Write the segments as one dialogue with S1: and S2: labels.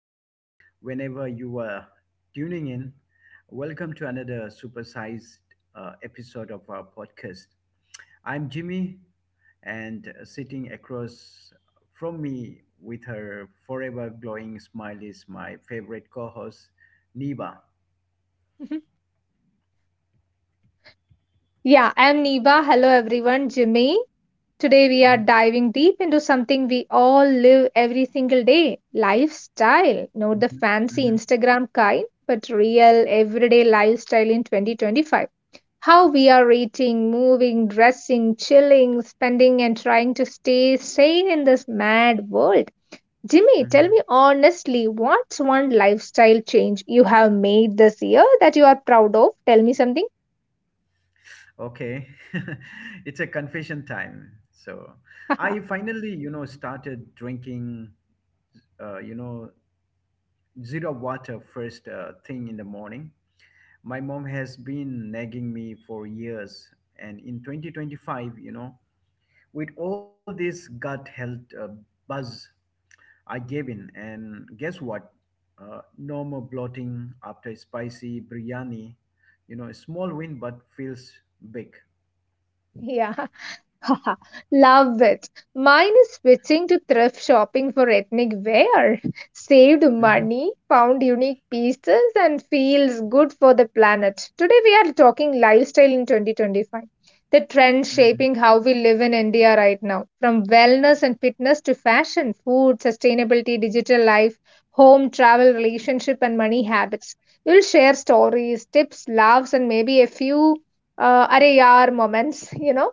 S1: Whenever you are tuning in, welcome to another supersized episode of our podcast. I'm Jimmy, and sitting across from me with her forever glowing smile is my favorite co host, Niba.
S2: Mhm. Yeah, I'm Neva. Hello, everyone. Jimmy, today, we are
S1: Mhm,
S2: diving deep into something we all live every single day: lifestyle. Not the
S1: mhm,
S2: fancy
S1: mhm,
S2: Instagram kind, but real everyday lifestyle in 2025. How we are eating, moving, dressing, chilling, spending, and trying to stay sane in this mad world. Jimmy, tell
S1: mhm.
S2: me honestly, what's one lifestyle change you have made this year that you are proud of? Tell me something.
S1: Okay. It's a confession time. So I finally, started drinking uh, you know zero water first thing in the morning. My mom has been nagging me for years, and in 2025, with all this gut health buzz, I gave in, and guess what? No more bloating after spicy biryani. A small win, but feels big.
S2: Yeah. Haha, love it. Mine is switching to thrift shopping for ethnic wear. Saved
S1: Mhm,
S2: money, found unique pieces, and feels good for the planet. Today we are talking lifestyle in 2025, the trends
S1: mhm,
S2: shaping how we live in India right now, from wellness and fitness to fashion, food, sustainability, digital life, home, travel, relationship, and money habits. We'll share stories, tips, laughs, and maybe a few array moments.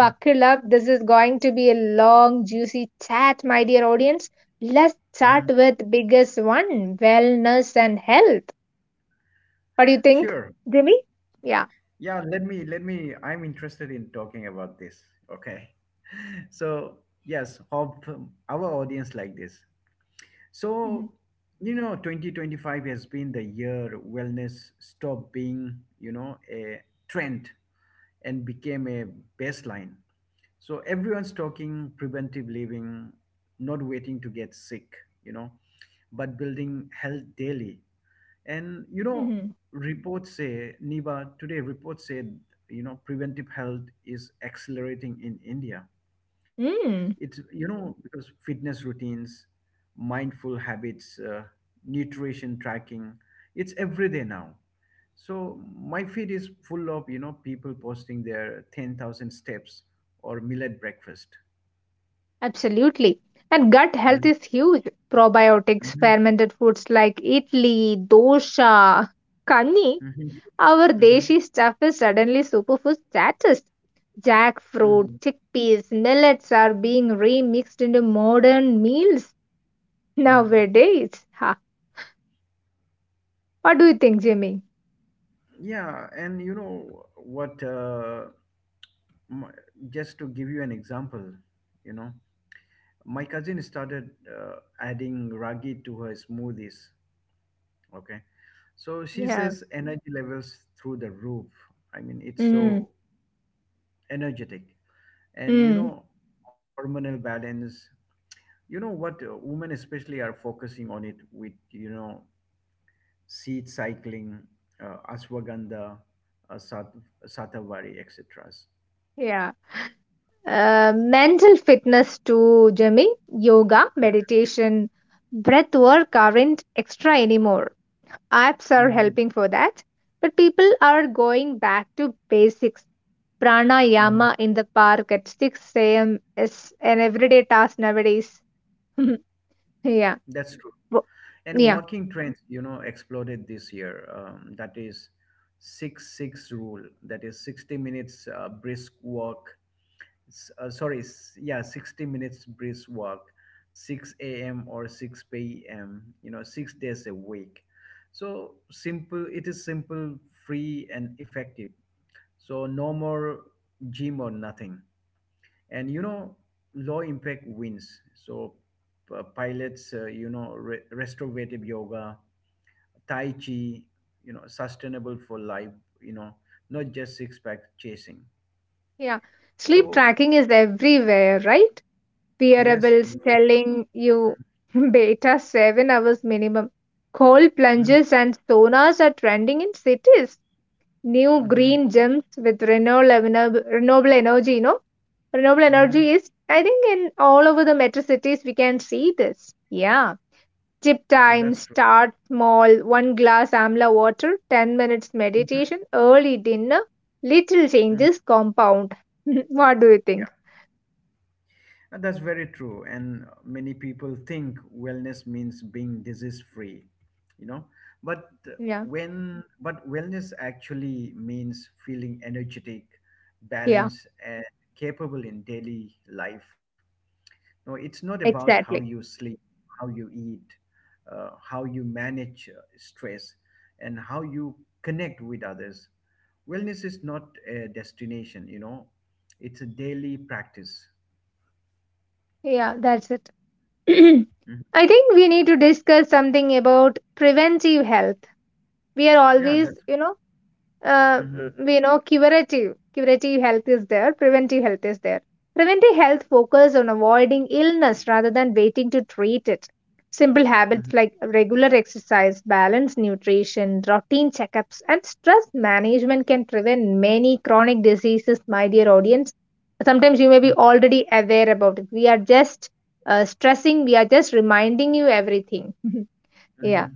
S1: mhm,
S2: up. This is going to be a long, juicy chat, my dear audience. Let's start
S1: mhm.
S2: with biggest one, wellness and health. What do you think,
S1: Sure,
S2: Jimmy? Yeah.
S1: yeah, let me I'm interested in talking about this. Okay. So, yes, hope our audience like this. So,
S2: Mhm.
S1: 2025 has been the year wellness stopped being, a trend and became a baseline. So everyone's talking preventive living, not waiting to get sick, you know, but building health daily. And,
S2: Mhm.
S1: reports say, Niba, today reports say, preventive health is accelerating in India. It's,
S2: Mm,
S1: because fitness routines, mindful habits, nutrition tracking, it's every day now. So my feed is full of, people posting their 10,000 steps or millet breakfast.
S2: absolutely. And gut health
S1: Mhm,
S2: is huge. Probiotics,
S1: mhm,
S2: fermented foods like idli, dosha, kani,
S1: mhm,
S2: our
S1: mhm,
S2: deshi stuff is suddenly superfood status. Jackfruit,
S1: mhm,
S2: chickpeas, millets are being remixed into modern meals
S1: mhm.
S2: nowadays, ha. What do you think, Jimmy?
S1: Yeah, and you know what? My, just to give you an example, you know, my cousin started adding ragi to her smoothies. Okay. So she
S2: Yeah.
S1: says energy levels through the roof. I mean, it's
S2: Mm.
S1: so energetic.
S2: Mm.
S1: And,
S2: Mm.
S1: hormonal balance. You know what, women especially are focusing on it, with, seed cycling, ashwagandha, uh, sat- satavari, etc.
S2: Yeah. Mental fitness too, Jimmy. Yoga, meditation, breath work aren't extra anymore. Apps are
S1: Mhm,
S2: helping for that. But people are going back to basics.
S1: mhm.
S2: Pranayama in the park at 6 a.m. is an everyday task nowadays. Yeah.
S1: That's true.
S2: Wo-
S1: And
S2: yeah.
S1: working trends, exploded this year. That is six six rule. That is 60 minutes brisk walk, sorry, yeah, 60 minutes brisk walk, 6 a.m. or 6 p.m., six days a week. So simple, it is simple, free, and effective. So no more gym or nothing. And, low impact wins. So pilots, restorative yoga, Tai Chi, sustainable for life, you know, not just six pack chasing.
S2: Yeah. Sleep
S1: So,
S2: tracking is everywhere, right?
S1: yes,
S2: Wearables
S1: very.
S2: telling you beta 7 hours minimum. Cold
S1: Mm-hmm,
S2: plunges and saunas are trending in cities. New
S1: mm-hmm.
S2: green gems with renewable, renewable energy, you know. Renewable
S1: Mm-hmm.
S2: energy is, I think, in all over the metro cities, we can see this. Yeah. Tip
S1: Yeah,
S2: time,
S1: that's true.
S2: start small, one glass amla water, 10 minutes
S1: Mm-hmm.
S2: meditation, early dinner, little
S1: Hmm.
S2: changes compound. What do you
S1: Yeah,
S2: think?
S1: and that's very true. And many people think wellness means being disease free, you know. But
S2: Yeah.
S1: but wellness actually means feeling energetic,
S2: Yeah.
S1: balanced, and capable in daily life. No, it's not about how you
S2: Exactly.
S1: sleep, how you eat, how you manage stress, and how you connect with others. Wellness is not a destination, it's a daily practice.
S2: Yeah, that's it.
S1: Mhm.
S2: I think we need to discuss something about preventive health. We are
S1: Yeah,
S2: always,
S1: that's.
S2: you know, uh,
S1: Mm-hmm,
S2: you know, curative health is there, preventive health is there. Preventive health focuses on avoiding illness rather than waiting to treat it. Simple
S1: mm-hmm,
S2: habits like regular exercise, balanced nutrition, routine checkups, and stress management can prevent many chronic diseases, my dear audience. Sometimes you may be already aware about it, we are just stressing, we are just reminding you everything.
S1: mm-hmm,
S2: Yeah.
S1: mm-hmm.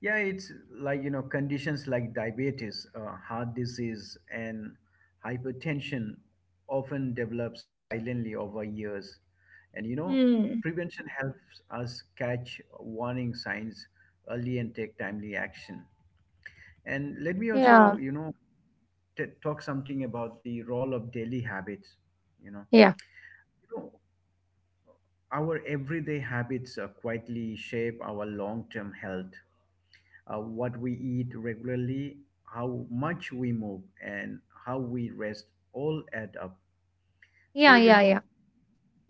S1: Yeah, it's like, conditions like diabetes, heart disease, and hypertension often develop silently over years. And,
S2: Hmm.
S1: prevention helps us catch warning signs early and take timely action. And let me
S2: Yeah,
S1: also, talk something about the role of daily habits. You know,
S2: yeah,
S1: you know, our everyday habits quietly shape our long-term health. What we eat regularly, how much we move, and how we rest all add up. So,
S2: yeah. Yeah. Yeah.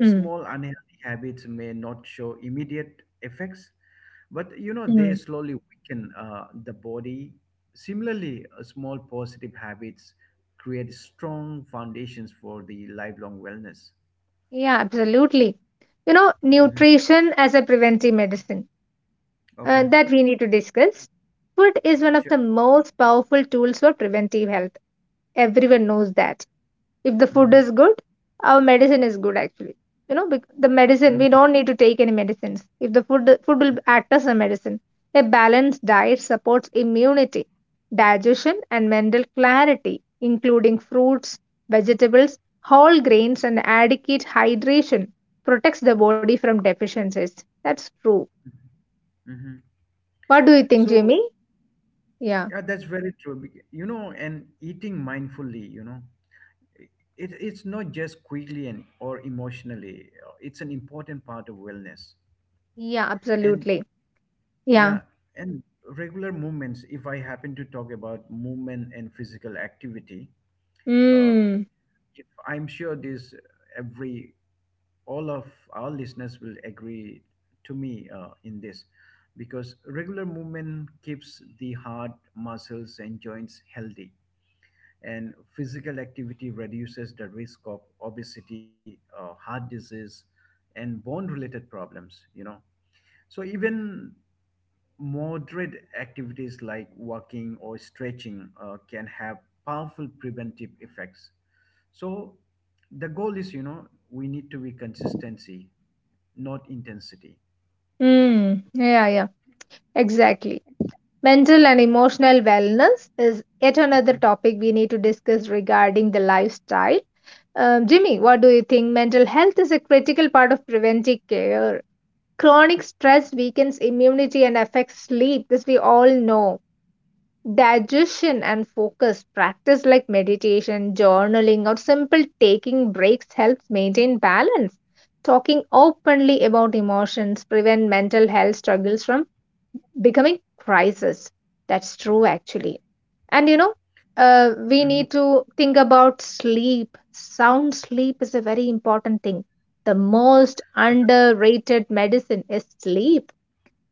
S2: Mm.
S1: small unhealthy habits may not show immediate effects, but, they
S2: Mm.
S1: slowly weaken the body. Similarly, small positive habits create strong foundations for the lifelong wellness.
S2: Yeah, absolutely. You know,
S1: Mhm.
S2: nutrition as a preventive medicine,
S1: Okay,
S2: that we need to discuss. Food is one of
S1: sure.
S2: the most powerful tools for preventive health. Everyone knows that if the food
S1: Hmm.
S2: is good, our medicine is good actually. You know, the medicine,
S1: Hmm.
S2: we don't need to take any medicines if the food will
S1: Hmm.
S2: act as a medicine. A balanced diet supports immunity, digestion, and mental clarity. Including fruits, vegetables, whole grains, and adequate hydration protects the body from deficiencies. That's true.
S1: Hmm.
S2: What do you think,
S1: So,
S2: Jimmy? Yeah.
S1: yeah, that's very true. You know, and eating mindfully, i- it's not just quickly and or emotionally. It's an important part of wellness.
S2: Yeah,
S1: And
S2: absolutely. Yeah.
S1: yeah, and regular movements. If I happen to talk about movement and physical activity, uh,
S2: Mm.
S1: if I'm sure this every all of our listeners will agree to me in this, because regular movement keeps the heart, muscles, and joints healthy, and physical activity reduces the risk of obesity, heart disease, and bone related problems. So even moderate activities like walking or stretching can have powerful preventive effects. So the goal is, we need to be consistency, not intensity.
S2: Mm. Yeah, yeah, exactly. Mental and emotional wellness is yet another
S1: Mhm.
S2: topic we need to discuss regarding the lifestyle. Jimmy, what do you think? Mental health is a critical part of preventive care. Chronic stress weakens immunity and affects sleep, this we all know. Digestion and focus, practice like meditation, journaling, or simple taking breaks helps maintain balance. Talking openly about emotions prevent mental health struggles from becoming crisis. That's true, actually. And you know, we
S1: Mhm.
S2: need to think about sleep. Sound sleep is a very important thing. The most
S1: Uh, th-
S2: underrated medicine is sleep.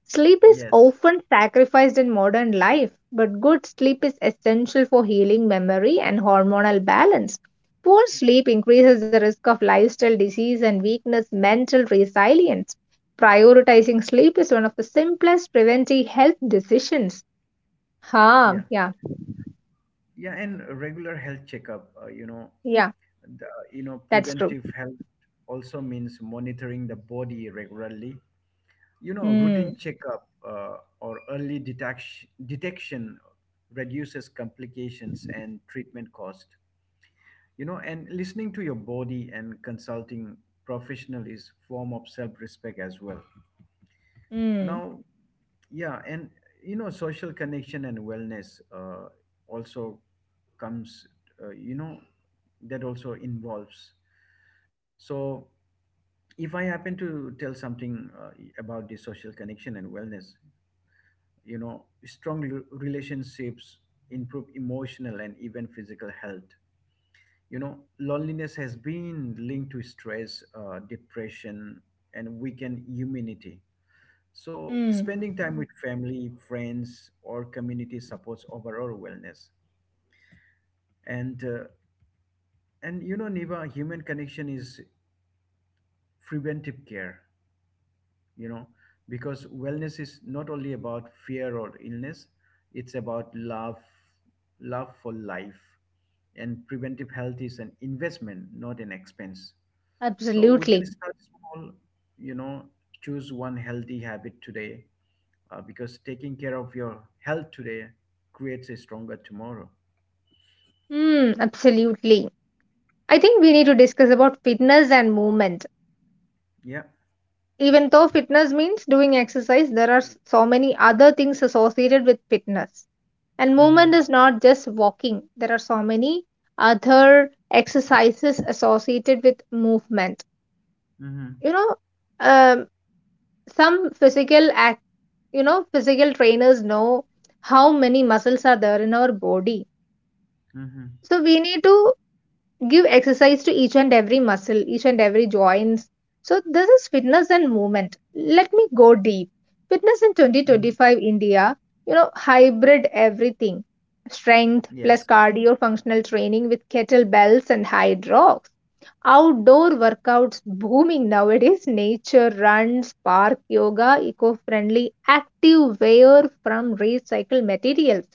S2: Sleep is
S1: yes,
S2: often sacrificed in modern life, but good sleep is essential for healing memory and hormonal balance. Poor sleep increases the risk of lifestyle disease and weakness mental resilience. Prioritizing sleep is one of the simplest preventive health decisions. Ha,
S1: yeah,
S2: yeah.
S1: yeah, and regular health checkup.
S2: Yeah,
S1: The
S2: that's true.
S1: Preventive health also means monitoring the body regularly. Routine
S2: Mm,
S1: checkup, or early detection reduces complications and treatment cost. And listening to your body and consulting professional is form of self-respect as well.
S2: mm,
S1: Now, yeah, and, social connection and wellness, also comes, uh, you know, that also involves. So, if I happen to tell something about the social connection and wellness, relationships improve emotional and even physical health. You know, loneliness has been linked to stress, depression, and weakened immunity. So,
S2: mm,
S1: spending time with family, friends, or community supports overall wellness. And uh, and Niva, human connection is preventive care. You know, because wellness is not only about fear or illness; it's about love, love for life, and preventive health is an investment, not an expense. So we can
S2: absolutely.
S1: start small, you know, choose one healthy habit today, because taking care of your health today creates a stronger tomorrow.
S2: Mm, absolutely. I think we need to discuss about fitness and movement.
S1: Yeah.
S2: Even though fitness means doing exercise, there are so many other things associated with fitness. And
S1: Mm-hmm.
S2: movement is not just walking, there are so many other exercises associated with movement.
S1: Mm-hmm.
S2: You know, um, some physical act, you know, physical trainers know how many muscles are there in our body.
S1: Mm-hmm.
S2: So we need to give exercise to each and every muscle, each and every joints. So this is fitness and movement. Let me go deep. Fitness in
S1: Mm-hmm.
S2: 2025 India, you know, hybrid everything. Strength plus
S1: Yes.
S2: cardio functional training with kettlebells and hyd rocks. Outdoor workouts booming nowadays. Nature runs, park yoga, eco-friendly, active wear from recycled materials.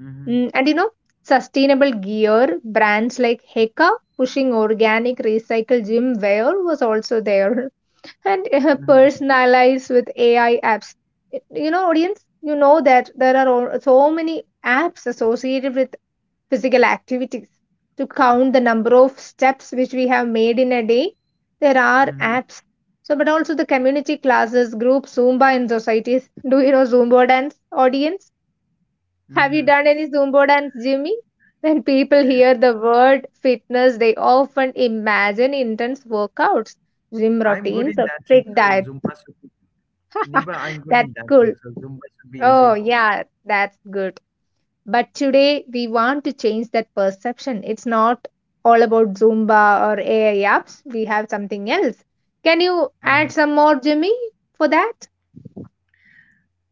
S1: Mm-hmm.
S2: Mm, and you know, sustainable gear brands like Heka pushing organic recycle gym wear was also there, and
S1: Mm-hmm.
S2: personalized with AI apps. You know, audience, you know that there are so many apps associated with physical activities to count the number of steps which we have made in a day. There are
S1: Mm-hmm.
S2: apps. So, but also the community classes, group Zumba in societies. Do you know Zumba dance, audience? Have
S1: Mm-hmm.
S2: you done any Zumba dance, Jimmy? When people hear the word fitness, they often imagine intense workouts, gym
S1: I'm good
S2: routines,
S1: in
S2: or
S1: dancing,
S2: strict
S1: so
S2: diets.
S1: Zumba should be, Niba, I'm good
S2: That's
S1: in dancing,
S2: cool.
S1: so Zumba should be easy
S2: Oh,
S1: for me.
S2: yeah, that's good. But today, we want to change that perception. It's not all about Zumba or AI apps, we have something else. Can you
S1: Mm-hmm.
S2: add some more, Jimmy, for that?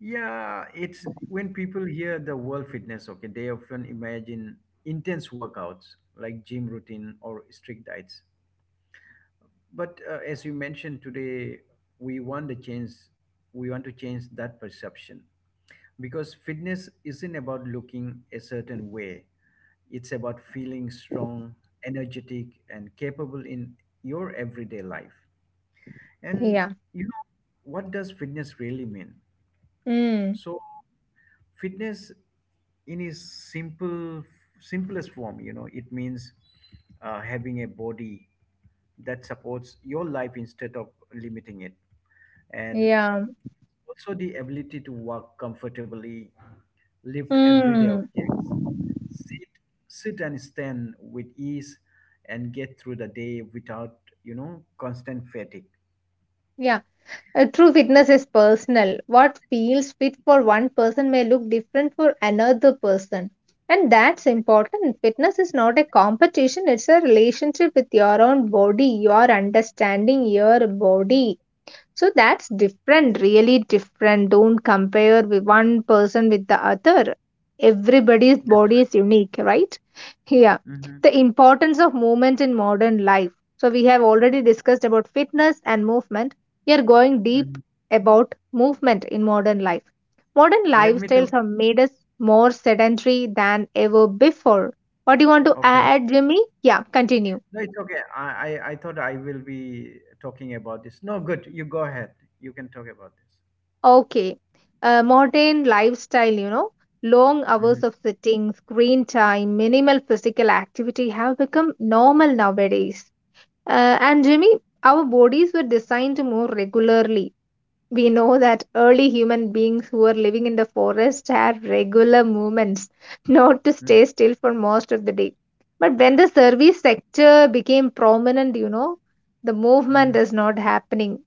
S1: Yeah, it's when people hear the word fitness, okay, they often imagine intense workouts like gym routine or strict diets. But as you mentioned today, we want to change we want to change that perception, because fitness isn't about looking a certain way. It's about feeling strong, energetic, and capable in your everyday life. And,
S2: Yeah.
S1: you know, what does fitness really mean?
S2: Mm,
S1: So fitness, in its simple simplest form, it means having a body that supports your life instead of limiting it, and
S2: yeah.
S1: also the ability to walk comfortably, lift everyday
S2: Mm.
S1: objects, sit sit and stand with ease, and get through the day without, constant fatigue.
S2: Yeah. True fitness is personal. What feels fit for one person may look different for another person. And that's important. Fitness is not a competition, it's a relationship with your own body, your understanding your body. So that's different, really different. Don't compare with one person with the other. Everybody's
S1: That's
S2: body is unique, right? Yeah,
S1: right. Hmm.
S2: the importance of movement in modern life. So, we have already discussed about fitness and movement. We are going deep
S1: Hmm.
S2: about movement in modern life. Modern
S1: Let me
S2: lifestyles
S1: talk.
S2: have made us more sedentary than ever before. What do you want to
S1: Okay.
S2: add, Jimmy? Yeah, continue.
S1: No, it's okay. I thought I will be talking about this. No, good. You go ahead. You can talk about this.
S2: Okay. Modern lifestyle, you know, long
S1: Mm-hmm.
S2: hours of sitting, screen time, minimal physical activity have become normal nowadays. And Jimmy, our bodies were designed to move regularly. We know that early human beings who were living in the forest had regular movements, not to
S1: Mm-hmm.
S2: stay still for most of the day. But when the service sector became prominent, you know, the
S1: Mm-hmm.
S2: movement is not happening.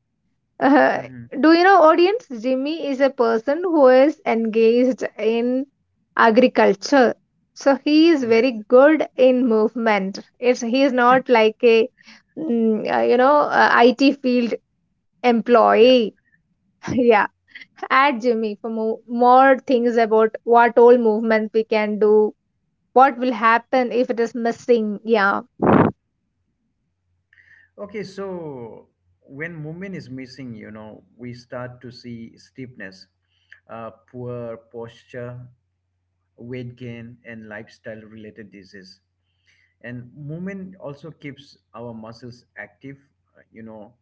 S2: Uh,
S1: Mm-hmm.
S2: do you know, audience? Jimmy is a person who is engaged in agriculture. So he is
S1: Yes.
S2: very good in movement. It's, he is not like a, you know, IT field
S1: Yeah.
S2: employee. Yeah. Add Jimmy for more things about what all movement we can do, what will happen if it is missing. Yeah.
S1: Okay. So when movement is missing, we start to see stiffness, poor posture, weight gain, and lifestyle related disease. And movement also keeps our muscles active. You know,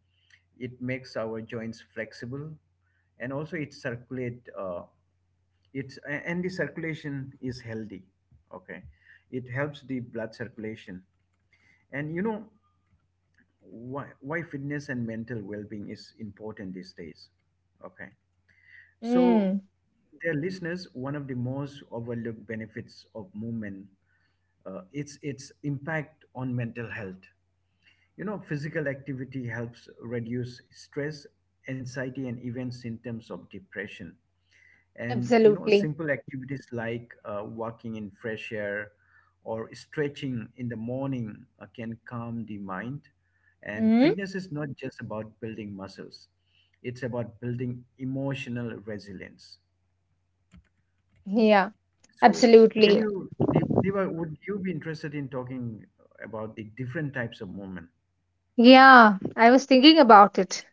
S1: it makes our joints flexible, and also it circulate. And the circulation is healthy. Okay. It helps the blood circulation. And, why fitness and mental well-being is important these days. Okay. So,
S2: Mm,
S1: dear listeners, one of the most overlooked benefits of movement, it's its impact on mental health. Physical activity helps reduce stress, anxiety, and even symptoms of depression. And,
S2: absolutely.
S1: simple activities like walking in fresh air or stretching in the morning, can calm the mind. And
S2: Mm,
S1: fitness is not just about building muscles, it's about building emotional resilience.
S2: yeah.
S1: So,
S2: Absolutely.
S1: Niva, would you be interested in talking about the different types of movement?
S2: Yeah. I was thinking about it.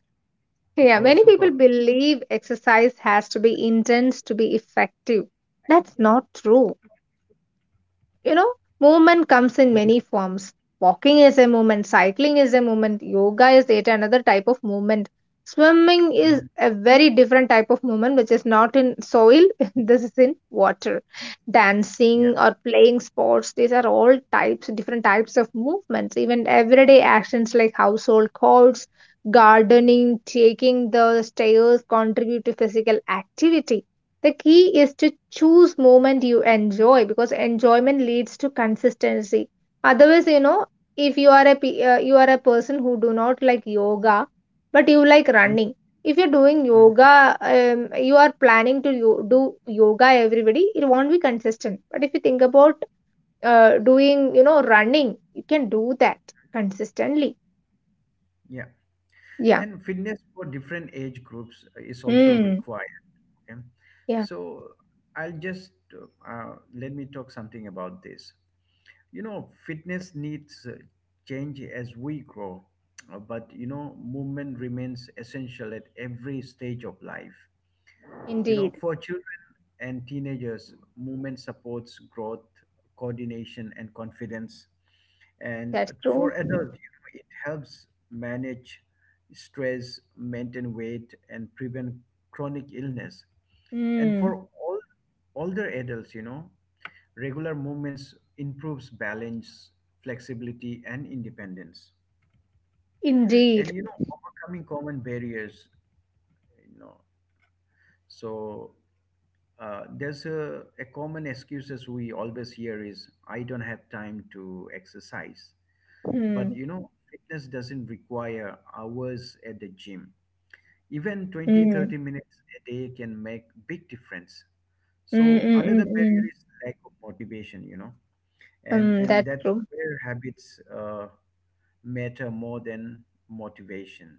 S2: Yeah,
S1: Oh,
S2: many people
S1: superb.
S2: believe exercise has to be intense to be effective. That's not true. You know, movement comes in many forms. Walking is a movement, cycling is a movement, yoga is yet another type of movement, swimming is
S1: Mhm.
S2: a very different type of movement which is not in soil, this is in water,
S1: Yeah.
S2: dancing or playing sports, these are all types, different types of movements. Even everyday actions like household chores, gardening, taking the stairs contribute to physical activity. The key is to choose moment you enjoy, because enjoyment leads to consistency. Otherwise, you know, if you are a you are a person who do not like yoga, but you like running. If you're doing
S1: Mhm.
S2: yoga, you are planning to do yoga. Everybody, it won't be consistent. But if you think about doing, you know, running, you can do that consistently.
S1: Yeah.
S2: Yeah.
S1: And fitness for different age groups is also
S2: Mm.
S1: required. Okay.
S2: Yeah.
S1: So I'll just let me talk something about this. You know, fitness needs change as we grow, but, movement remains essential at every stage of life. You know,
S2: Indeed.
S1: for children and teenagers, movement supports growth, coordination, and confidence. And
S2: That's
S1: for
S2: true.
S1: adults, it helps manage stress, maintain weight, and prevent chronic illness. And
S2: Mm.
S1: for all older adults, regular movements improves balance, flexibility, and independence. And,
S2: Indeed.
S1: overcoming common barriers, you know so, there's a common excuses we always hear is, I don't have time to exercise. But,
S2: Mm.
S1: fitness doesn't require hours at the gym. Even twenty
S2: Mm.
S1: thirty minutes a day can make big difference.
S2: Mm,
S1: So
S2: mm, mm,
S1: another barrier
S2: mm.
S1: is lack of motivation, and
S2: Mm,
S1: and
S2: that's
S1: that's
S2: true.
S1: where habits matter more than motivation.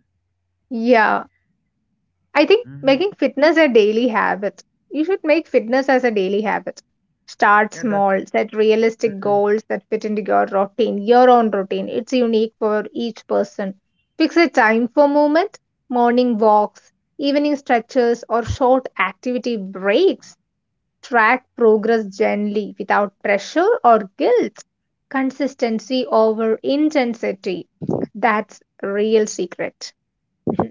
S2: Yeah, I think
S1: Hmm.
S2: making fitness a daily habit. You should make fitness as a daily habit. Start
S1: Yeah, that's.
S2: small, set realistic
S1: Mhm.
S2: goals that fit into your routine, your own routine. It's unique for each person. Fix a time for movement, morning walks, evening stretches, or short activity breaks. Track progress gently without pressure or guilt. Consistency over intensity. That's real secret. Mm-hmm.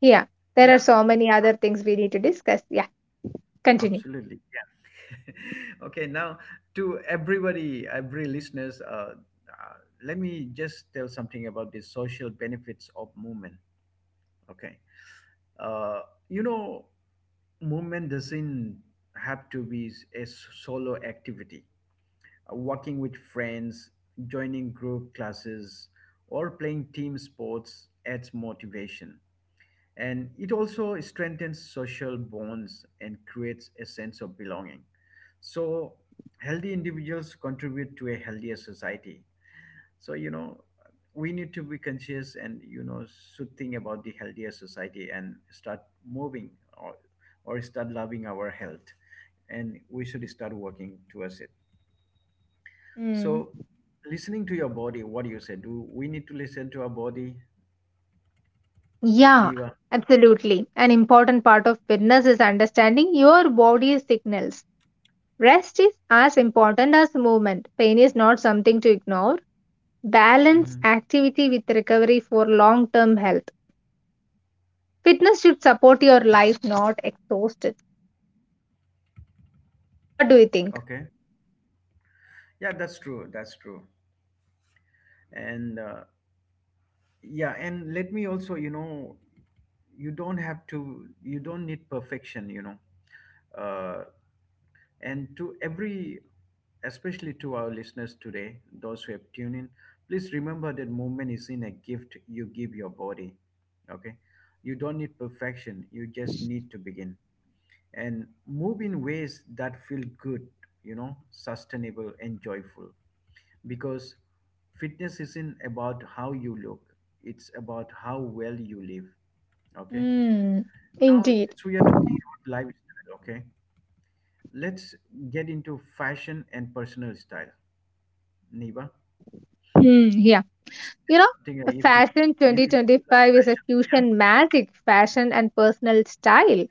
S2: Yeah, there
S1: Yeah,
S2: are so many other things we need to discuss. Yeah, continue.
S1: absolutely, yeah. Okay, now, to everybody, every listeners, uh, let me just tell something about the social benefits of movement. Okay. uh, you know Movement doesn't have to be a solo activity. Working with friends, joining group classes, or playing team sports adds motivation. And it also strengthens social bonds and creates a sense of belonging. So, healthy individuals contribute to a healthier society. So, we need to be conscious and, should think about the healthier society and start moving, or, or start loving our health. And we should start working towards it.
S2: Mm.
S1: So, listening to your body, what do you say? Do we need to listen to our body,
S2: Yeah,
S1: Neva?
S2: absolutely. An important part of fitness is understanding your body's signals. Rest is as important as movement. Pain is not something to ignore. Balance
S1: Hmm.
S2: activity with recovery for long term health. Fitness should support your life, not exhaust it. What do you think?
S1: Okay. Yeah, that's true. That's true. And let me also, you don't have to, you don't need perfection. Uh, and to especially to our listeners today, those who have tuned in, please remember that movement is in a gift you give your body. Okay. You don't need perfection, you just need to begin. And move in ways that feel good, sustainable and joyful. Because fitness isn't about how you look, it's about how well you live. Okay.
S2: Hmm.
S1: Now,
S2: Indeed.
S1: since we are talking about lifestyle, okay, let's get into fashion and personal style. Niba,
S2: Hmm, yeah.
S1: please
S2: You
S1: tell
S2: know,
S1: something if you,
S2: fashion
S1: you love
S2: 2025 is a
S1: fashion.
S2: fusion magic fashion and personal style.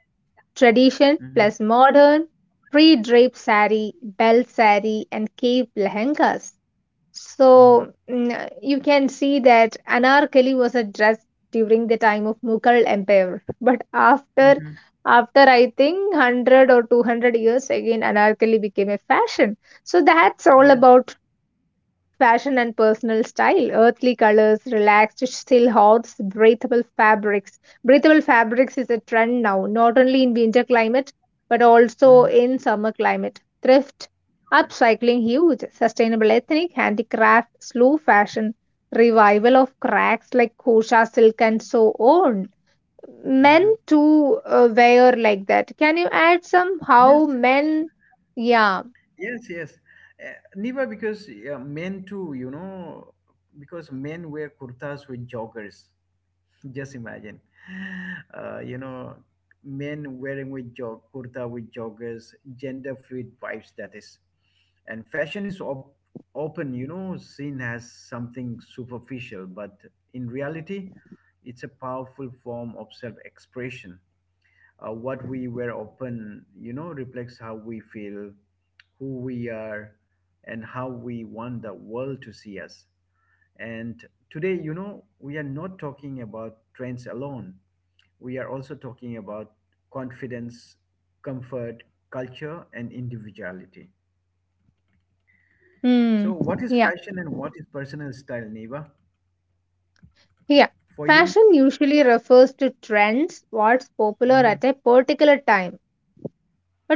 S2: Tradition
S1: Yeah. Mm-hmm.
S2: plus modern, pre drape sari, belt sari, and cape lehengas.
S1: Mm-hmm.
S2: So mm, you can see that anarkali was a dress during the time of Mughal Empire, but after
S1: Mm-hmm.
S2: after I think 100 or 200 years again anarkali became a fashion. So that's all
S1: Yes.
S2: about fashion and personal style. Earthly colors, relaxed silhouettes, breathable fabrics. Breathable fabrics is a trend now, not only in winter climate but also
S1: Mm-hmm.
S2: in summer climate. Thrift
S1: Okay.
S2: upcycling huge, sustainable ethnic, handicraft, slow fashion, revival of crafts like kosha silk and so on. Men
S1: Mm-hmm.
S2: too wear like that. Can you add some
S1: Yes.
S2: how men? Yeah,
S1: Yes, yes. Niva, because men too, because men wear kurtas with joggers. Just imagine, uh, you know, men wearing with jog kurta with joggers, gender fluid vibes that is, and open, seen as something superficial, but in reality, it's a powerful form of self-expression. What we were often, reflects how we feel, who we are, and how we want the world to see us. And today, we are not talking about trends alone. We are also talking about confidence, comfort, culture, and individuality. So
S2: hmm,
S1: what is
S2: yeah,
S1: fashion and what is personal style, Neva,
S2: yeah.
S1: for you?
S2: Fashion usually refers to trends, what's popular
S1: Mhm,
S2: at a particular time.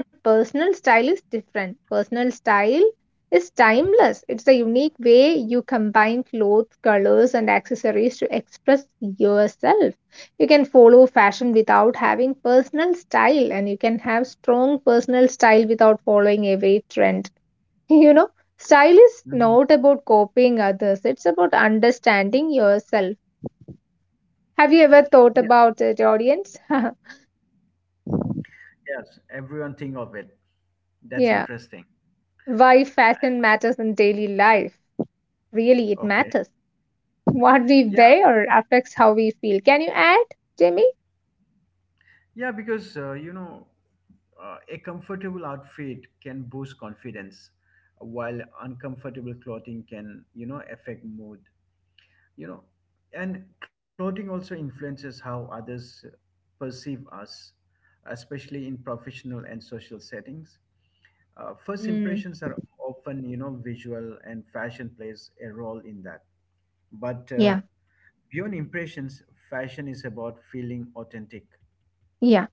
S2: But personal style is different. Personal style is timeless. It's a unique way you combine clothes, colors, and accessories to express yourself. You can follow fashion without having personal style, and you can have strong personal style without following every trend. You know, Style is
S1: mhm.
S2: not about copying others, it's about understanding yourself. Have you ever thought
S1: Yeah,
S2: about it, audience?
S1: yes, everyone think of it, that's
S2: Yeah.
S1: interesting.
S2: Why fashion matters in daily life? Really, it
S1: Okay.
S2: matters. What we
S1: Yeah.
S2: wear affects how we feel. Can you add, Jamie?
S1: Yeah, because a comfortable outfit can boost confidence, while uncomfortable clothing can, affect mood. You know, and clothing also influences how others perceive us, especially in professional and social settings. First
S2: Mm.
S1: impressions are often, visual, and fashion plays a role in that. But
S2: Yeah,
S1: beyond impressions, fashion is about feeling authentic.
S2: yeah,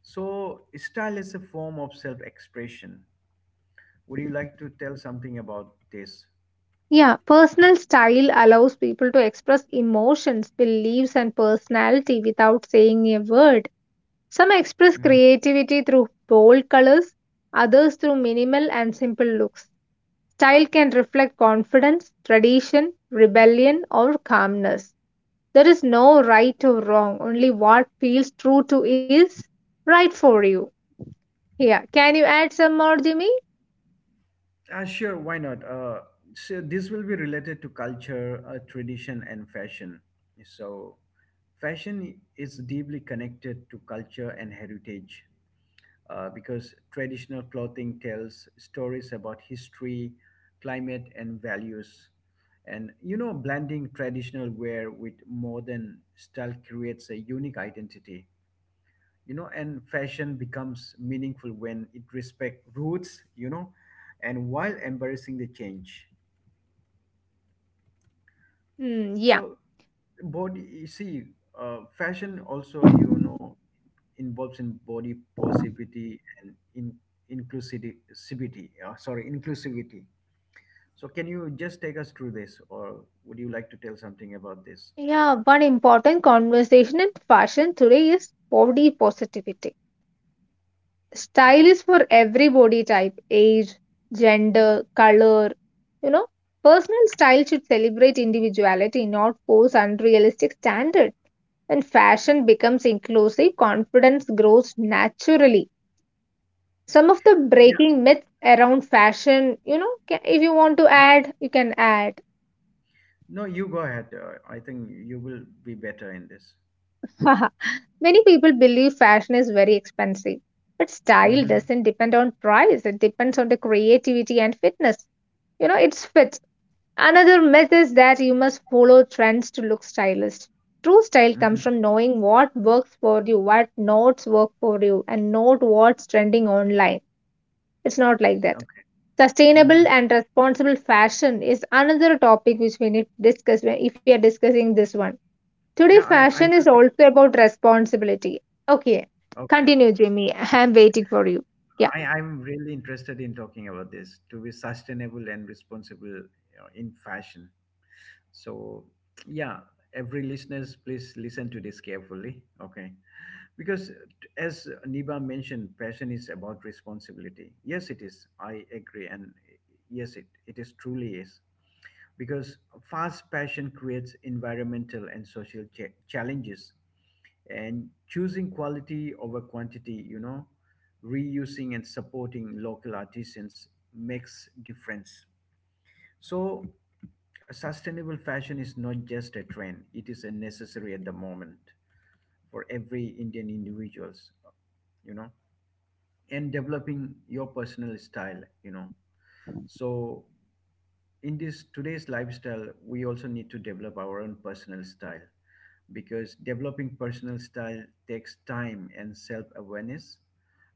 S1: So, style is a form of self expression. Would you like to tell something about this?
S2: yeah. Personal style allows people to express emotions, beliefs, and personality without saying a word. Some express
S1: Mhm.
S2: creativity through bold colors, others through minimal and simple looks. Style can reflect confidence, tradition, rebellion, or calmness. There is no right or wrong, only what feels true to is right for you. Yeah, can you add some more, Jimmy?
S1: Ah, sure, why not? So, this will be related to culture, tradition, and fashion. So, fashion is deeply connected to culture and heritage, because traditional clothing tells stories about history, climate, and values. And, blending traditional wear with modern style creates a unique identity. And fashion becomes meaningful when it respects roots, and while embracing the change.
S2: Hmm, yeah,
S1: So, body, you see, fashion also, involves in body positivity and in inclusivity. So can you just take us through this, or would you like to tell something about this?
S2: yeah. One important conversation in fashion today is body positivity. Style is for every body type, age, gender, color. You know, Personal style should celebrate individuality, not force unrealistic standards. When fashion becomes inclusive, confidence grows naturally. Some of the
S1: Yeah,
S2: breaking myths around fashion, you know, if you want to add, you can add.
S1: no, you go ahead. I think you will be better in this.
S2: Many people believe fashion is very expensive, but style
S1: Mm-hmm.
S2: doesn't depend on price, it depends on the creativity and fitness. You know, it's fit. Another myth is that you must follow trends to look stylish. True style
S1: Mm-hmm.
S2: comes from knowing what works for you, what notes work for you, and not what's trending online. It's not like that.
S1: Okay.
S2: Sustainable
S1: Mm-hmm.
S2: and responsible fashion is another topic which we need to discuss if we are discussing this one. Today,
S1: Yeah, I
S2: fashion is
S1: will be
S2: also about responsibility. Okay,
S1: okay.
S2: continue, Jimmy. I'm waiting for you. Yeah.
S1: I'm really interested in talking about this, to be sustainable and responsible, in fashion. So, yeah, every listeners, please listen to this carefully. Okay. Because, as Niba mentioned, passion is about responsibility. Yes, it is. I agree. And yes, it is truly is. Because fast passion creates environmental and social challenges, and choosing quality over quantity, reusing and supporting local artisans, makes difference. So a sustainable fashion is not just a trend, it is a necessary at the moment, for every indian individuals, you know and developing your personal style, so in this today's lifestyle we also need to develop our own personal style, because developing personal style takes time and self awareness.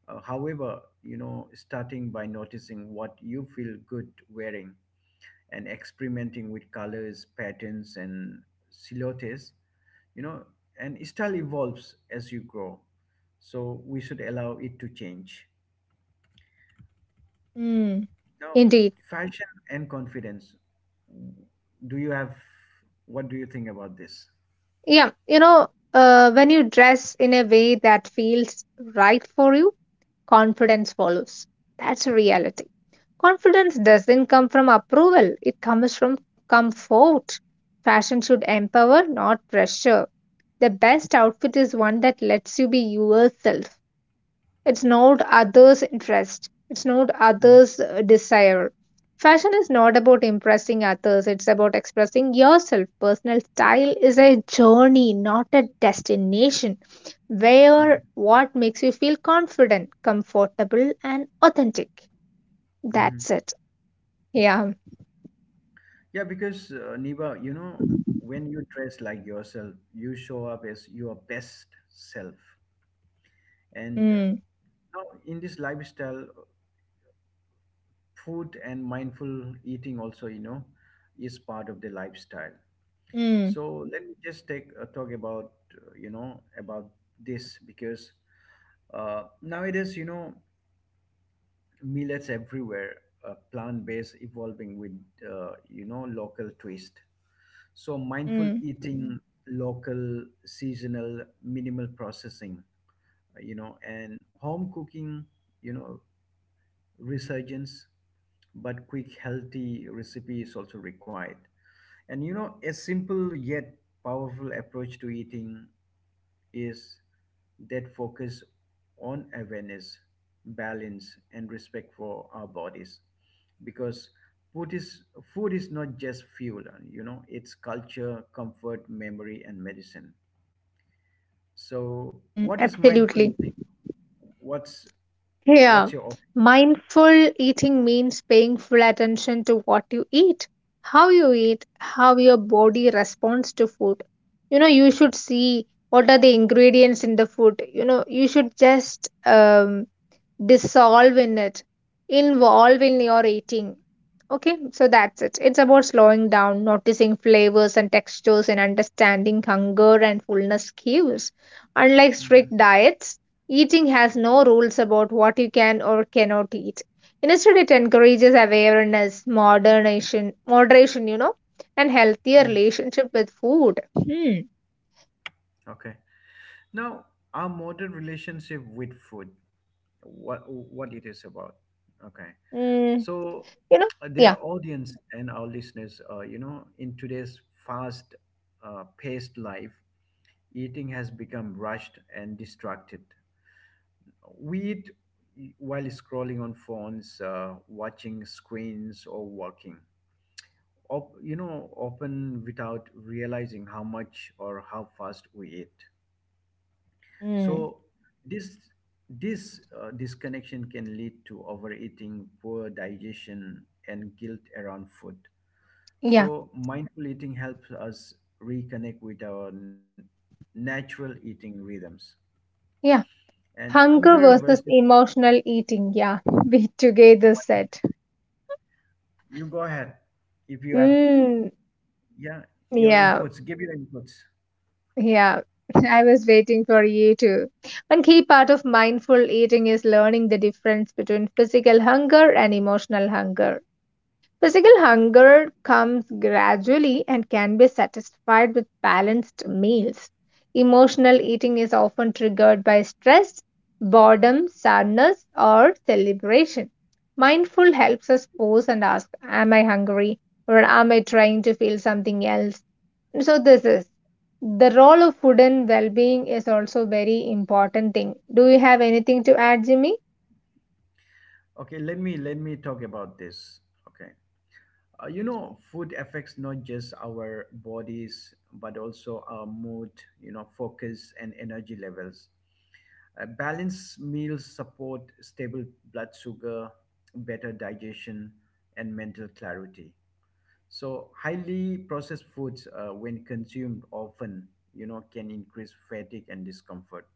S1: However, starting by noticing what you feel good wearing and experimenting with colors, patterns, and silhouettes, you know, and style evolves as you grow. So we should allow it to change.
S2: Mm,
S1: Now,
S2: indeed.
S1: fashion and confidence. Do you have, what do you think about this?
S2: Yeah, you know, when you dress in a way that feels right for you, confidence follows. That's a reality. Confidence doesn't come from approval, it comes from comfort. Fashion should empower, not pressure. The best outfit is one that lets you be yourself. It's not others' interest. It's not others' desire. Fashion is not about impressing others, it's about expressing yourself. Personal style is a journey, not a destination.
S1: Mm-hmm.
S2: Wear what makes you feel confident, comfortable, and authentic. That's it. Yeah.
S1: Yeah, because Niba, when you dress like yourself, you show up as your best self. And
S2: Mm,
S1: now in this lifestyle, food and mindful eating also, is part of the lifestyle.
S2: mm,
S1: So let me just take talk about, about this, because nowadays, Millets everywhere, plant-based evolving with, local twist. So mindful
S2: mm,
S1: eating, local, seasonal, minimal processing, and home cooking, you know, resurgence, but quick healthy recipe is also required. And, a simple yet powerful approach to eating is that focus on awareness, balance, and respect for our bodies. Because food is, food is not just fuel, it's culture, comfort, memory, and medicine. So,
S2: mm.
S1: what is mindful
S2: Absolutely.
S1: eating? What's what's
S2: Yeah,
S1: your
S2: mindful eating means paying full attention to what you eat, how your body responds to food. You know, you should see what are the ingredients in the food. You know, you should just dissolve in it, involve in your eating. Okay, so that's it. It's about slowing down, noticing flavors and textures, and understanding hunger and fullness cues. Unlike
S1: opinion?
S2: strict diets, eating has no rules about what you can or cannot eat. Instead, it encourages awareness, moderation, you know, and healthier
S1: hmm hmm
S2: relationship with food. Hmm.
S1: Okay. Now, our modern relationship with food, what it is about? Okay.
S2: Mm,
S1: So,
S2: you know,
S1: their
S2: yeah.
S1: audience and our listeners, in today's fast, paced life, eating has become rushed and distracted. We eat while scrolling on phones, watching screens, or walking. Often without realizing how much or how fast we eat.
S2: Mm,
S1: So, this this disconnection can lead to overeating, poor digestion, and guilt around food.
S2: yeah.
S1: So, mindful eating helps us reconnect with our natural eating rhythms.
S2: Yeah.
S1: And
S2: Hunger
S1: hunger
S2: versus
S1: versus
S2: emotional eating. Yeah, we together
S1: what it,
S2: said.
S1: you go ahead. If you have,
S2: Mm,
S1: yeah, your
S2: yeah,
S1: inputs, give your inputs.
S2: yeah. I was waiting for you too. One key part of mindful eating is learning the difference between physical hunger and emotional hunger. Physical hunger comes gradually and can be satisfied with balanced meals. Emotional eating is often triggered by stress, boredom, sadness, or celebration. Mindful helps us pause and ask, "Am I hungry? Or am I trying to feel something else?" So, this is the role of food and well being is also very important thing. Do you have anything to add, Jimmy?
S1: Okay, let me talk about this. Okay, food affects not just our bodies but also our mood, focus and energy levels. Balanced meals support stable blood sugar, better digestion, and mental clarity. So highly processed foods, when consumed often, can increase fatigue and discomfort.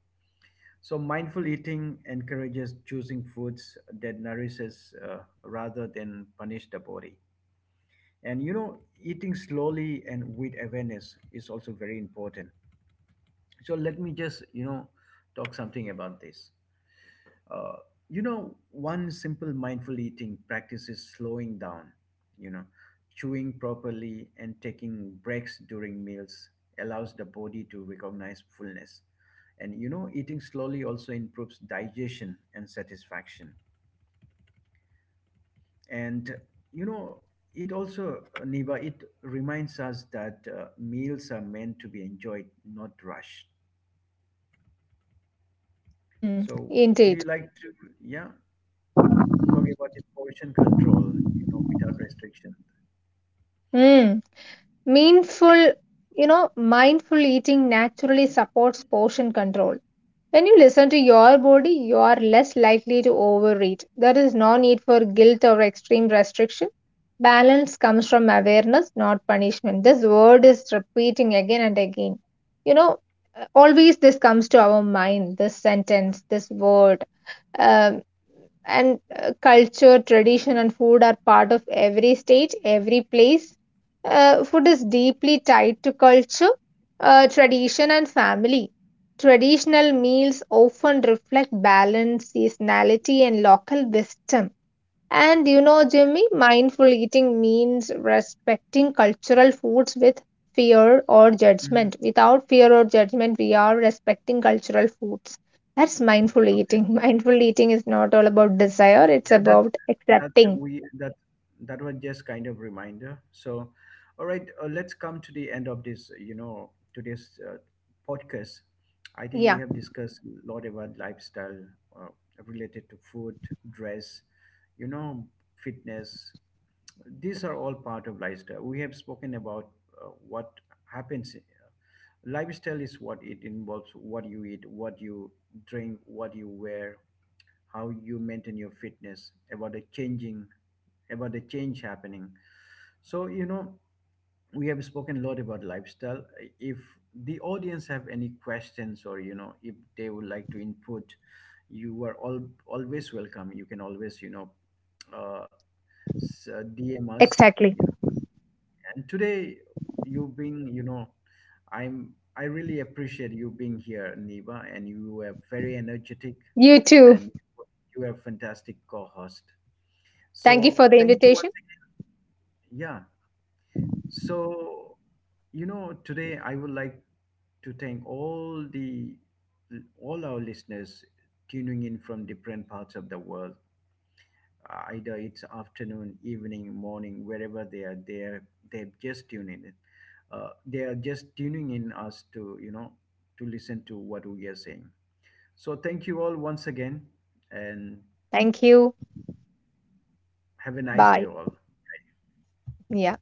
S1: So mindful eating encourages choosing foods that nourishes, rather than punish the body. And, eating slowly and with awareness is also very important. So let me just, talk something about this. Uh, one simple mindful eating practice is slowing down, you know, chewing properly and taking breaks during meals allows the body to recognize fullness. And, eating slowly also improves digestion and satisfaction. And, you know, it also, Niva, it reminds us that meals are meant to be enjoyed, not rushed.
S2: Mm,
S1: So, would
S2: indeed.
S1: you like to, yeah, talk about the portion control, without restriction?
S2: Hmm. Meaningful, you know, mindful eating naturally supports portion control. When you listen to your body, you are less likely to overeat. There is no need for guilt or extreme restriction. Balance comes from awareness, not punishment. This word is repeating again and again. You know, always this comes to our mind, this sentence, this word. Um, and culture, tradition, and food are part of every state, every place. Food is deeply tied to culture, tradition, and family. Traditional meals often reflect balance, seasonality, and local wisdom. And you know, Jimmy, mindful eating means respecting cultural foods with fear or
S1: Mhm.
S2: judgment. Without fear or judgment, we are respecting cultural foods. That's mindful
S1: Okay.
S2: eating. Mindful eating is not all about desire, it's
S1: Yeah,
S2: about
S1: that's
S2: accepting.
S1: we that that was just kind of reminder. So, all right, let's come to the end of this. You know, today's podcast. I think we
S2: Yeah,
S1: have discussed a lot about lifestyle, uh, related to food, dress, you know, fitness. These are all part of lifestyle. We have spoken about what happens. Lifestyle is what it involves: what you eat, what you drink, what you wear, how you maintain your fitness, about the changing about the change happening. So, we have spoken a lot about lifestyle. If the audience have any questions, or, if they would like to input, you are all always welcome. You can always, uh, dm us,
S2: exactly.
S1: and today, you being you know I really appreciate you being here, Niva, and you are very energetic,
S2: You too.
S1: and you are fantastic co-host. So
S2: Thank you for the
S1: thank you once
S2: invitation.
S1: again. Yeah. So, today I would like to thank all the all our listeners tuning in from different parts of the world. Either it's afternoon, evening, morning, wherever they are, they've just tuned in. They are just tuning in us to, to listen to what we are saying. So thank you all once again, and
S2: Thank you.
S1: have a nice day
S2: Bye.
S1: all.
S2: Yeah.